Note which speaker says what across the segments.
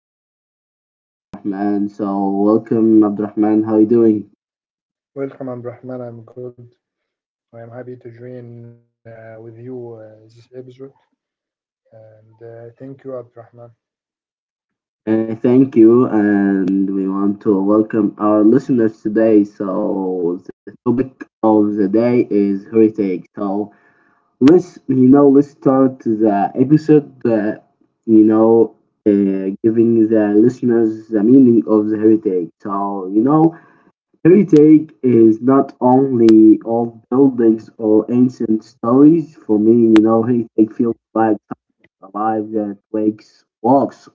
Speaker 1: friend, Abdurrahman. So, welcome, Abdurrahman. How are you doing?
Speaker 2: Welcome, Abdurrahman. I'm good. I am happy to join with you this episode, and thank you, Abdurrahman.
Speaker 1: Thank you, and we want to welcome our listeners today. So, the topic of the day is heritage. So, let's start the episode. You know, Giving the listeners the meaning of the heritage. Heritage is not only old buildings or ancient stories. For me, you know, heritage feels like something alive that wakes walks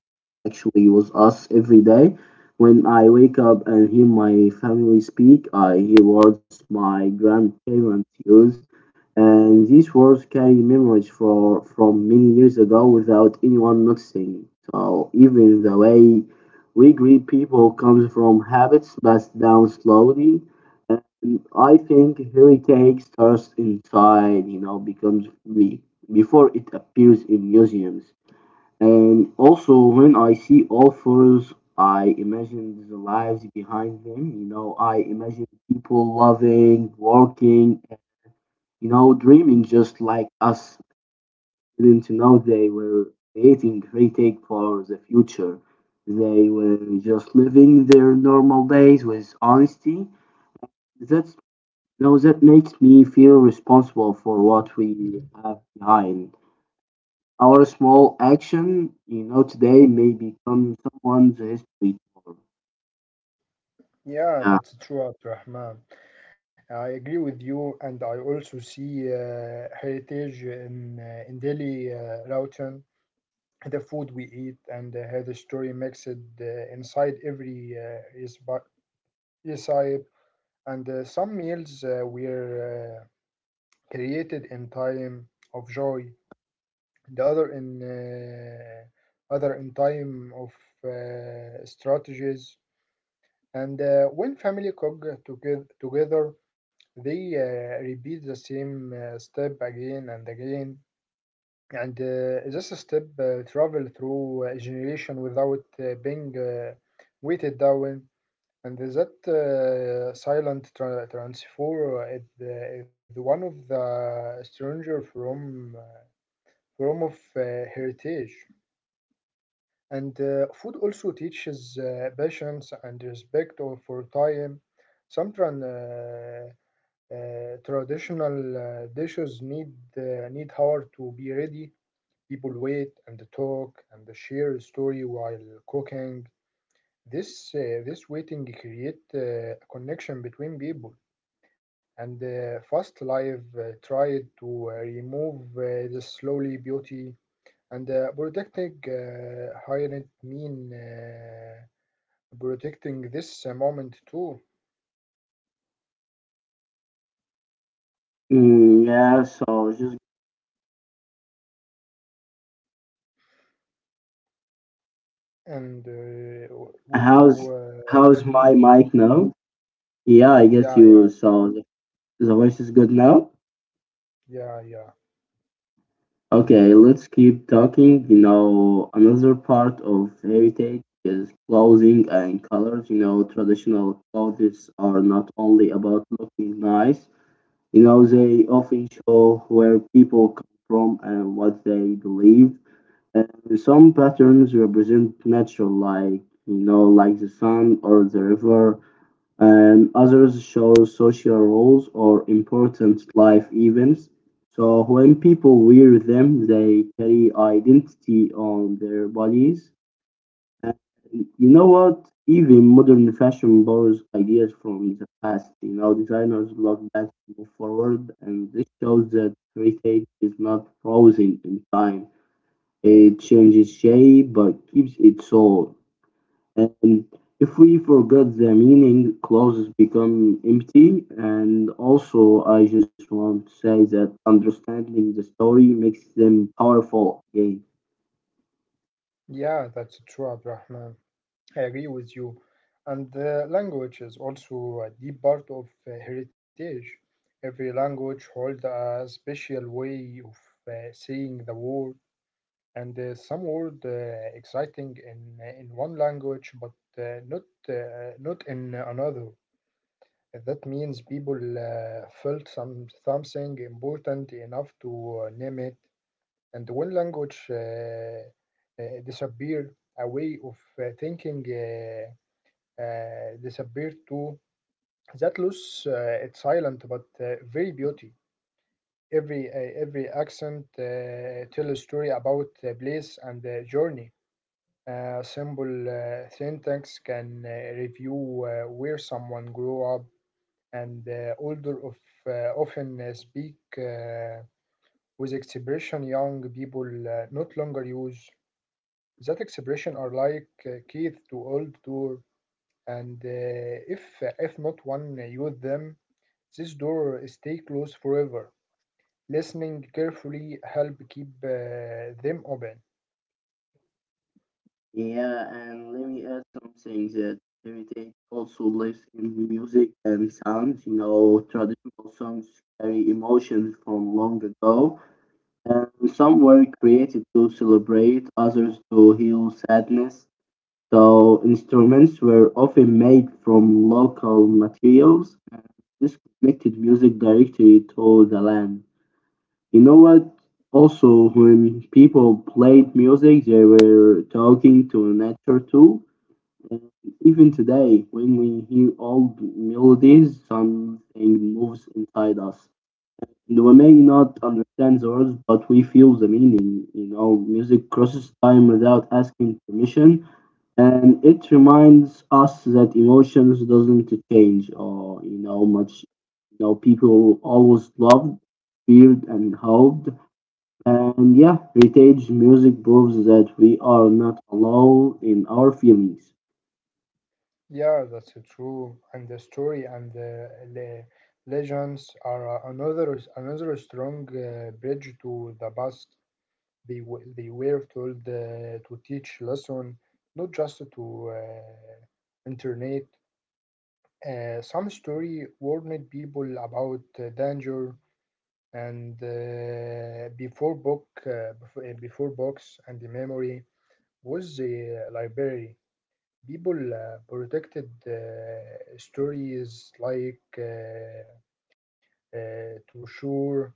Speaker 1: actually with us every day. When I wake up and hear my family speak, I hear words my grandparents used, and these words carry memories from many years ago without anyone noticing. So even the way we greet people comes from habits passed down slowly. And I think heritage starts inside, you know, becomes me before it appears in museums. And also, when I see authors, I imagine the lives behind them. You know, I imagine people loving, working, you know, dreaming just like us, didn't know they were creating great take for the future. They were just living their normal days with honesty. That's that makes me feel responsible for what we have behind. Our small action, you know, today may become someone's history tomorrow. Yeah.
Speaker 2: Yeah, that's true, Abdurrahman. I agree with you, and I also see heritage in daily routine, the food we eat, and how the story makes it inside every recipe. And some meals were created in time of joy, the other in time of strategies and when family together they repeat the same step again and again, and this step travel through a generation without being weighted down, and that transfer is one of the stranger from form of heritage. And food also teaches patience and respect for time. Some tran- uh, Traditional dishes need hour to be ready. People wait and talk and share story while cooking. This waiting create a connection between people. And fast life tried to remove the slowly beauty and protecting hired mean protecting this moment too.
Speaker 1: Mm, yeah, so just
Speaker 2: And will you
Speaker 1: how's how's
Speaker 2: got me?
Speaker 1: my mic now? Yeah, I guess
Speaker 2: Yeah, yeah,
Speaker 1: you so the voice is good now.
Speaker 2: yeah, yeah.
Speaker 1: Okay, let's keep talking. You know, another part of heritage is clothing and colors. You know, traditional clothes are not only about looking nice, you know, they often show where people come from and what they believe. And some patterns represent nature, like, you know, like the sun or the river, and others show social roles or important life events. So when people wear them, they carry identity on their bodies. And you know what? Even modern fashion borrows ideas from the past. You know, designers look back to move forward, and this shows that heritage is not frozen in time. It changes shape, but keeps its soul. Um, if we forget the meaning, clauses become empty. And also, I just want to say that understanding the story makes them powerful again.
Speaker 2: Yeah, that's true, Abdurrahman. I agree with you. And language is also a deep part of heritage. Every language holds a special way of saying the word, and some word exciting in one language but not in another. That means people felt something important enough to name it. And when language disappear, a way of thinking disappear too. That loss, it's silent but very beauty. Every accent tell a story about place and journey. A simple syntax can review where someone grew up, and older of, often speak with expression young people not longer use. That expression are like keys to old door, and if not one use them, this door stay closed forever. Listening carefully help keep them open.
Speaker 1: Yeah, and let me add something that heritage also lives in music and sounds. You know, traditional songs carry emotions from long ago, and some were created to celebrate, others to heal sadness. So instruments were often made from local materials, this connected music directly to the land. You know what? Also, when people played music, they were talking to nature too. And even today, when we hear old melodies, something moves inside us. And we may not understand the words, but we feel the meaning. You know, music crosses time without asking permission, and it reminds us that emotions doesn't change or you know much. You know, people always loved, feared, and hoped, and yeah, heritage music proves that we are not alone in our feelings.
Speaker 2: Yeah, that's so true. And the story and the le legends are another strong bridge to the past. They were told to teach lesson, not just to internet. Some story warned people about danger, and before books and the memory was the library. People protected stories like uh, true,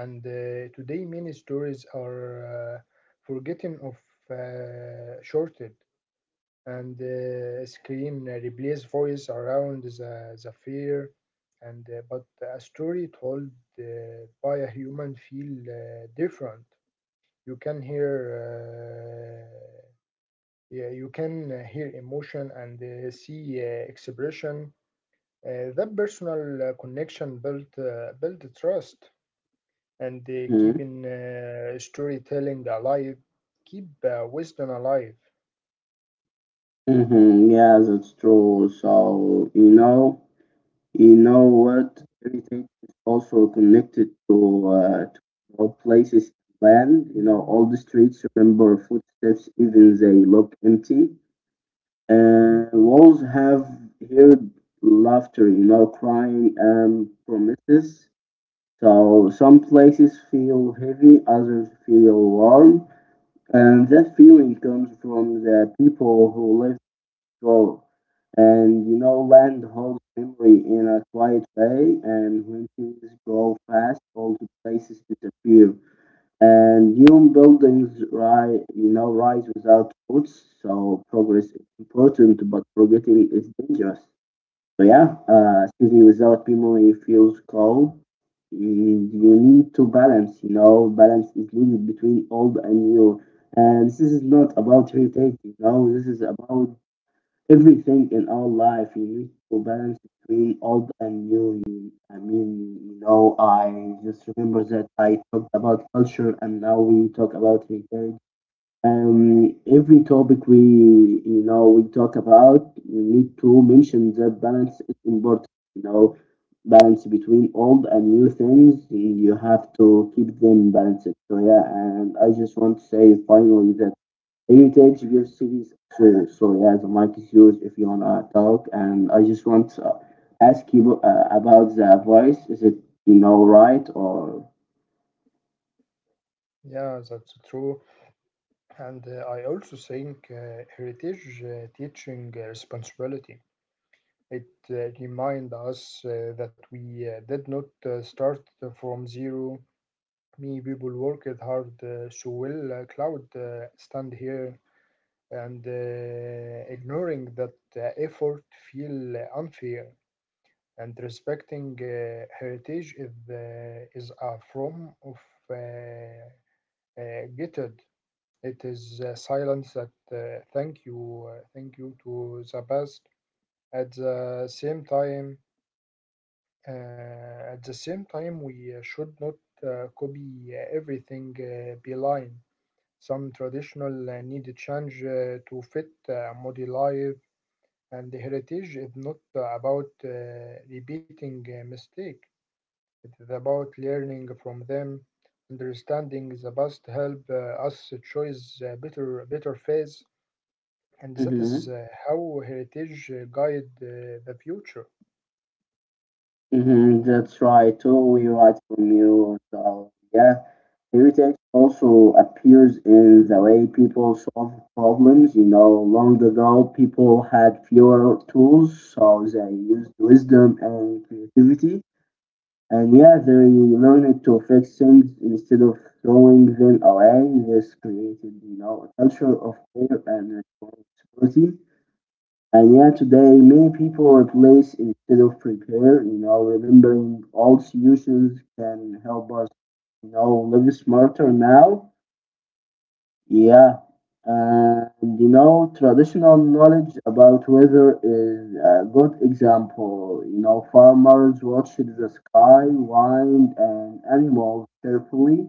Speaker 2: and today many stories are forgetting of shorted, and screen replace voice around the fear, and but a story told uh, by a human feel different. You can hear yeah, you can hear emotion and see expression. That personal connection build trust, and
Speaker 1: Hmm.
Speaker 2: keeping storytelling alive, keep wisdom alive.
Speaker 1: Hmm, yeah, that's true. So, you know what, heritage is also connected to our places, land. You know, all the streets remember footsteps even they look empty. Walls have heard laughter, you know, crying and promises. So some places feel heavy, others feel warm, and that feeling comes from the people who lived before. And you know, land holds memory in a quiet way, and when things grow fast, old places disappear and new buildings rise, you know, rise without roots. So progress is important, but forgetting is dangerous. So yeah, city without memory feels cold. And you need to balance. You know, balance is needed between old and new. And this is not about irritating. You know, this is about everything in our life. You need to balance between old and new. I mean, you know, I just remember that I talked about culture and now we talk about heritage. Um, every topic we talk about, we need to mention that balance is important. You know, balance between old and new things. You have to keep them balanced. So yeah, and I just want to say finally that anytime she gives cities. So yeah, the mic is yours if you wanna talk. And I just want to ask you about the voice. Is it you know right or?
Speaker 2: Yeah, that's true. And I also think heritage teaching responsibility. It reminds us that we did not start from zero. Me, people worked hard, so will cloud stand here, and ignoring that effort feel unfair, and respecting heritage is a form of uh, gutted. It is silence that thank you to the past. At the same time, we should not copy everything blind. Some traditional need change to fit modern life, and heritage is not about repeating a mistake. It is about learning from them, understanding the past help us choose better phase, and that is
Speaker 1: Mm-hmm.
Speaker 2: how heritage guide the future.
Speaker 1: Mm-hmm. That's right. Totally right from you. So yeah, heritage also appears in the way people solve problems. You know, long ago people had fewer tools, so they used wisdom and creativity. And yeah, they learned to fix things instead of throwing them away. This created, you know, a culture of care and responsibility. And yeah, today many people replace instead of prepare. You know, remembering old solutions can help us, you know, live smarter now. Yeah, and you know, traditional knowledge about weather is a good example. You know, farmers watched the sky, wind, and animals carefully,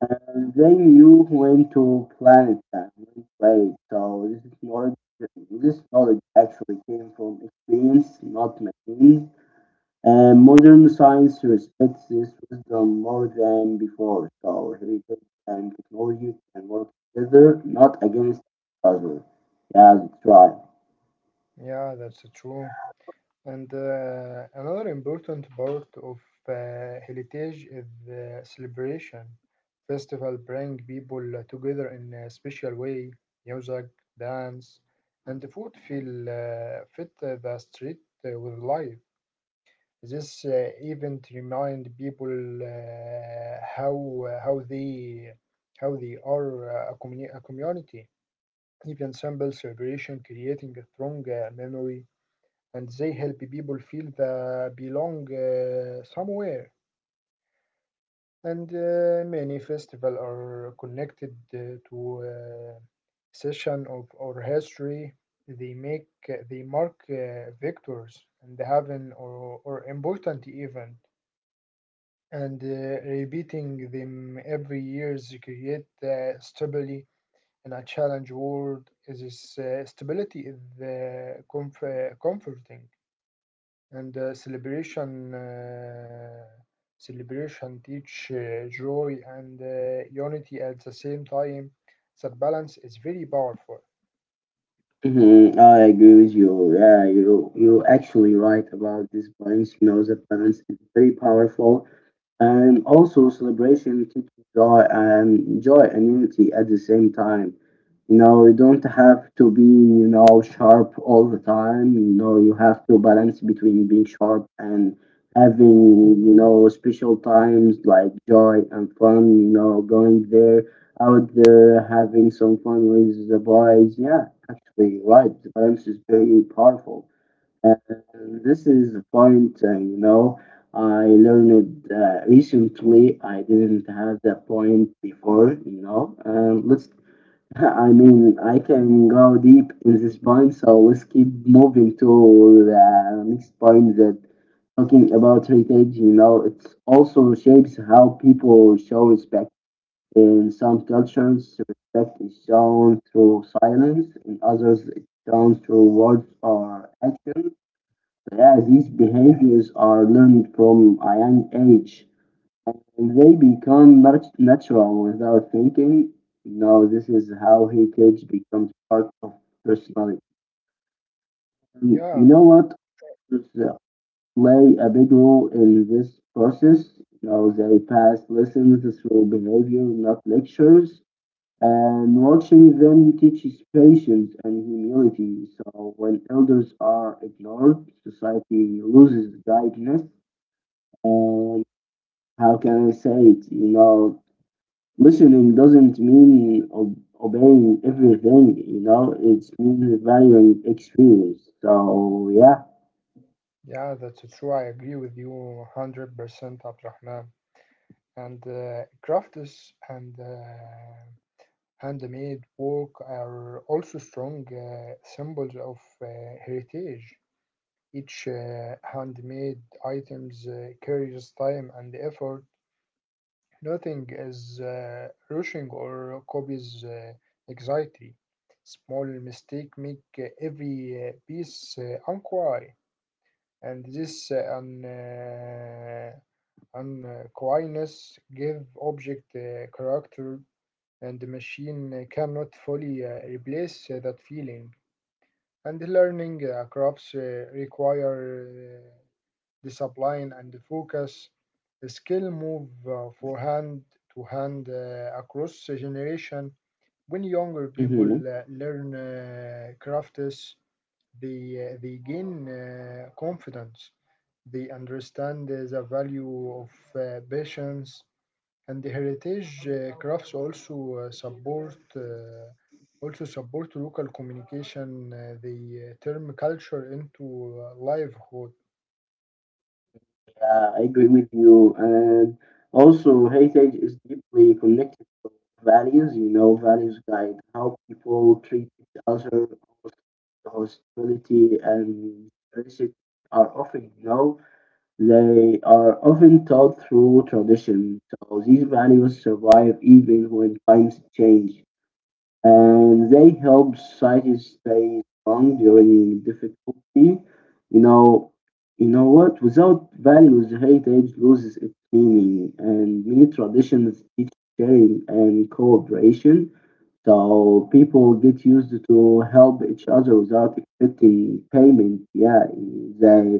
Speaker 1: and they knew when to plant and when to wait. So this is knowledge. This knowledge actually came from experience, not machines. Modern science respects this wisdom more than before, so heritage and technology can work together, not against each other. Yeah, that's right.
Speaker 2: Yeah, that's true. And another important part of uh, heritage is the celebration. Festival bring people together in a special way. Music, dance, and the food feel fit the street with life. This event remind people how they are a a community. Even simple celebration creating a strong memory, and they help people feel they belong somewhere. And many festivals are connected to session of our history. They mark victors and having or important event, and repeating them every year create stability in a challenge world. This stability is comforting. And celebration teach joy and unity at the same time. That balance is very powerful.
Speaker 1: Mm-hmm. I agree with you. Yeah, you actually right about this balance. You know, the balance is very powerful. And also, celebration teaches joy and unity at the same time. You know, you don't have to be, you know, sharp all the time. You know, you have to balance between being sharp and having, you know, special times like joy and fun, you know, going there, out there, having some fun with the boys. Yeah, actually, right. The balance is very powerful. And this is the point, you know, I learned recently. I didn't have that point before, you know. I mean, I can go deep in this point, so let's keep moving to the next point that talking about heritage, you know, it also shapes how people show respect. In some cultures, respect is shown through silence, in others, it's shown through words or actions. Yeah, these behaviors are learned from a young age and they become natural without thinking. No, this is how heritage becomes part of personality. And you
Speaker 2: Yeah,
Speaker 1: know what? Others, play a big role in this process. Now they pass lessons through behavior, not lectures. And watching them teaches patience and humility. So when elders are ignored, society loses guidance. uh, how can I say it? You know, listening doesn't mean obeying everything. You know, it's mean valuing experience. So yeah.
Speaker 2: yeah, that's true. I agree with you 100%, Abdurrahman. And crafts and handmade work are also strong symbols of heritage. Each handmade items carries time and effort. Nothing is rushing or copies anxiety. Small mistake make every piece unquiet, and this unquietness give object character, and the machine cannot fully replace that feeling. And learning crafts require the spline and the focus skill move for hand to hand across a generation. When younger people
Speaker 1: Hmm.
Speaker 2: learn crafts, they, they gain confidence. They understand the value of patience, and the heritage crafts also support also support local communication. They turn culture into livelihood.
Speaker 1: Yeah, I agree with you. And also, heritage is deeply connected to values. You know, values guide how people treat each other, hospitality and reciprocity are often, you know. They are often taught through tradition, so these values survive even when times change, and they help societies stay strong during difficulty. You know, you know what? Without values, heritage loses its meaning, and many traditions teach sharing and cooperation. So people get used to help each other without expecting payment. Yeah, they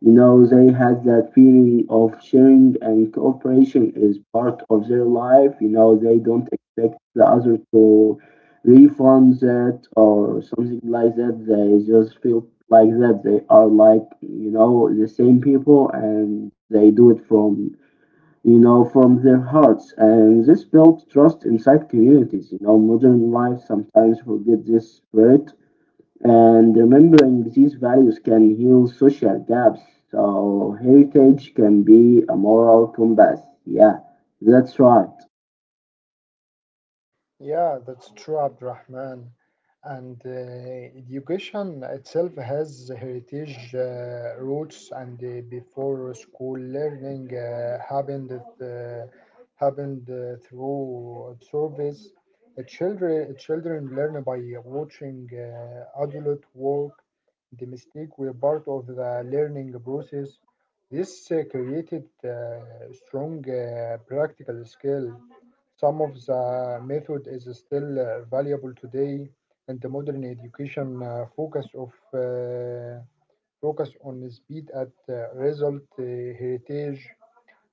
Speaker 1: you know, they had that feeling of sharing and cooperation is part of their life. You know, they don't expect the other to refund that or something like that. They just feel like that. They are like, you know, the same people and they do it from, you know, from their hearts. And this builds trust inside communities. You know, modern life sometimes forget this spirit and remembering these values can heal social gaps. So heritage can be a moral compass. Yeah, that's right.
Speaker 2: Yeah, that's true, Abdurrahman. And education itself has heritage roots, and before school learning happened through service. Children children learn by watching adult work. The mistake were part of the learning process. This created strong practical skill. Some of the method is still valuable today, and the modern education focus on speed at result. Heritage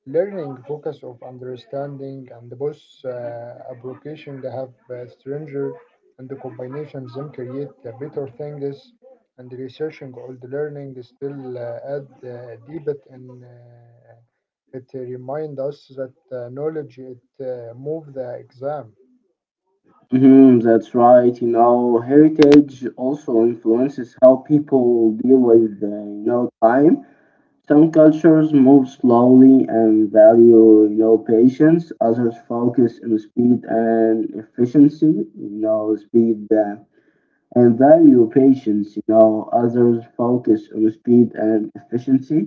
Speaker 2: learning focus of understanding and both uh, application. They have stranger, and the combinations them create the better things, and researching all the learning still add deep it, and it remind us that knowledge it move the exam.
Speaker 1: Hmm, that's right. You know, heritage also influences how people deal with, you know, time. Some cultures move slowly and value, you know, patience. Others focus on speed and efficiency. You know, speed. And value patience, you know, others focus on speed and efficiency.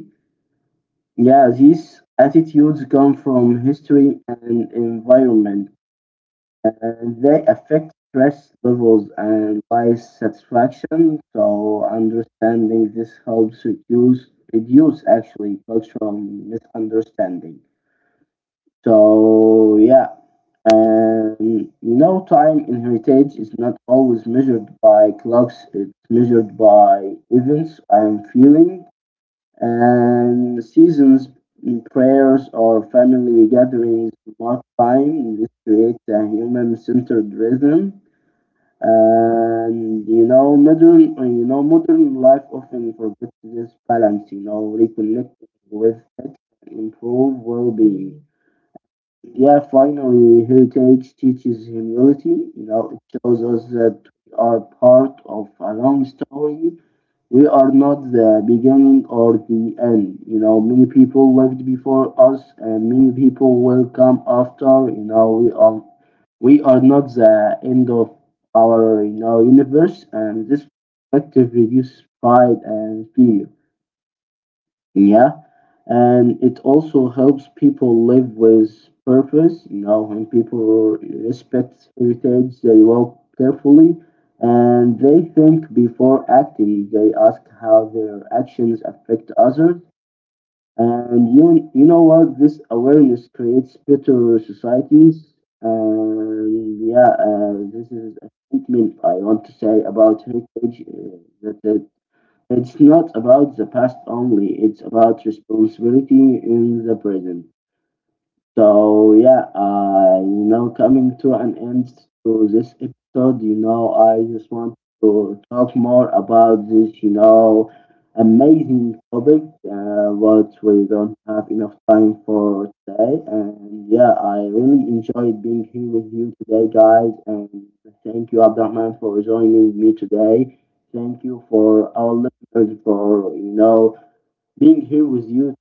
Speaker 1: Yeah, these attitudes come from history and environment, and they affect stress levels and life satisfaction. So, understanding this helps reduce actually cultural misunderstanding. So yeah, and you know, time in heritage is not always measured by clocks. It's measured by events and feeling, and seasons, mm, prayers, or family gatherings mark time. This creates a human-centered rhythm. And you know, modern modern life often forgets this balance. You know, reconnecting with it improve well-being. Yeah, finally, heritage teaches humility. You know, it shows us that we are part of a long story. We are not the beginning or the end. You know, many people lived before us, and many people will come after. You know, we are not the end of our you know universe, and this perspective reduces pride and fear. Yeah, and it also helps people live with purpose. You know, when people respect heritage, they walk carefully and they think before acting. They ask how their actions affect others. And you know what? This awareness creates better societies. And yeah, this is a statement I want to say about heritage that it's not about the past only, it's about responsibility in the present. So yeah, I you know coming to an end to this episode, you know, I just want to talk more about this, you know, amazing topic, what we don't have enough time for today. And yeah, I really enjoyed being here with you today, guys. And thank you, Abdurrahman, for joining me today. Thank you for our listeners for you know being here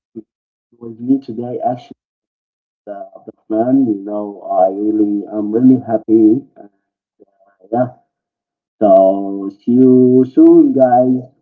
Speaker 1: with me today. Actually Abdurrahman. You know, I'm really happy. Yeah. So see you soon, guys.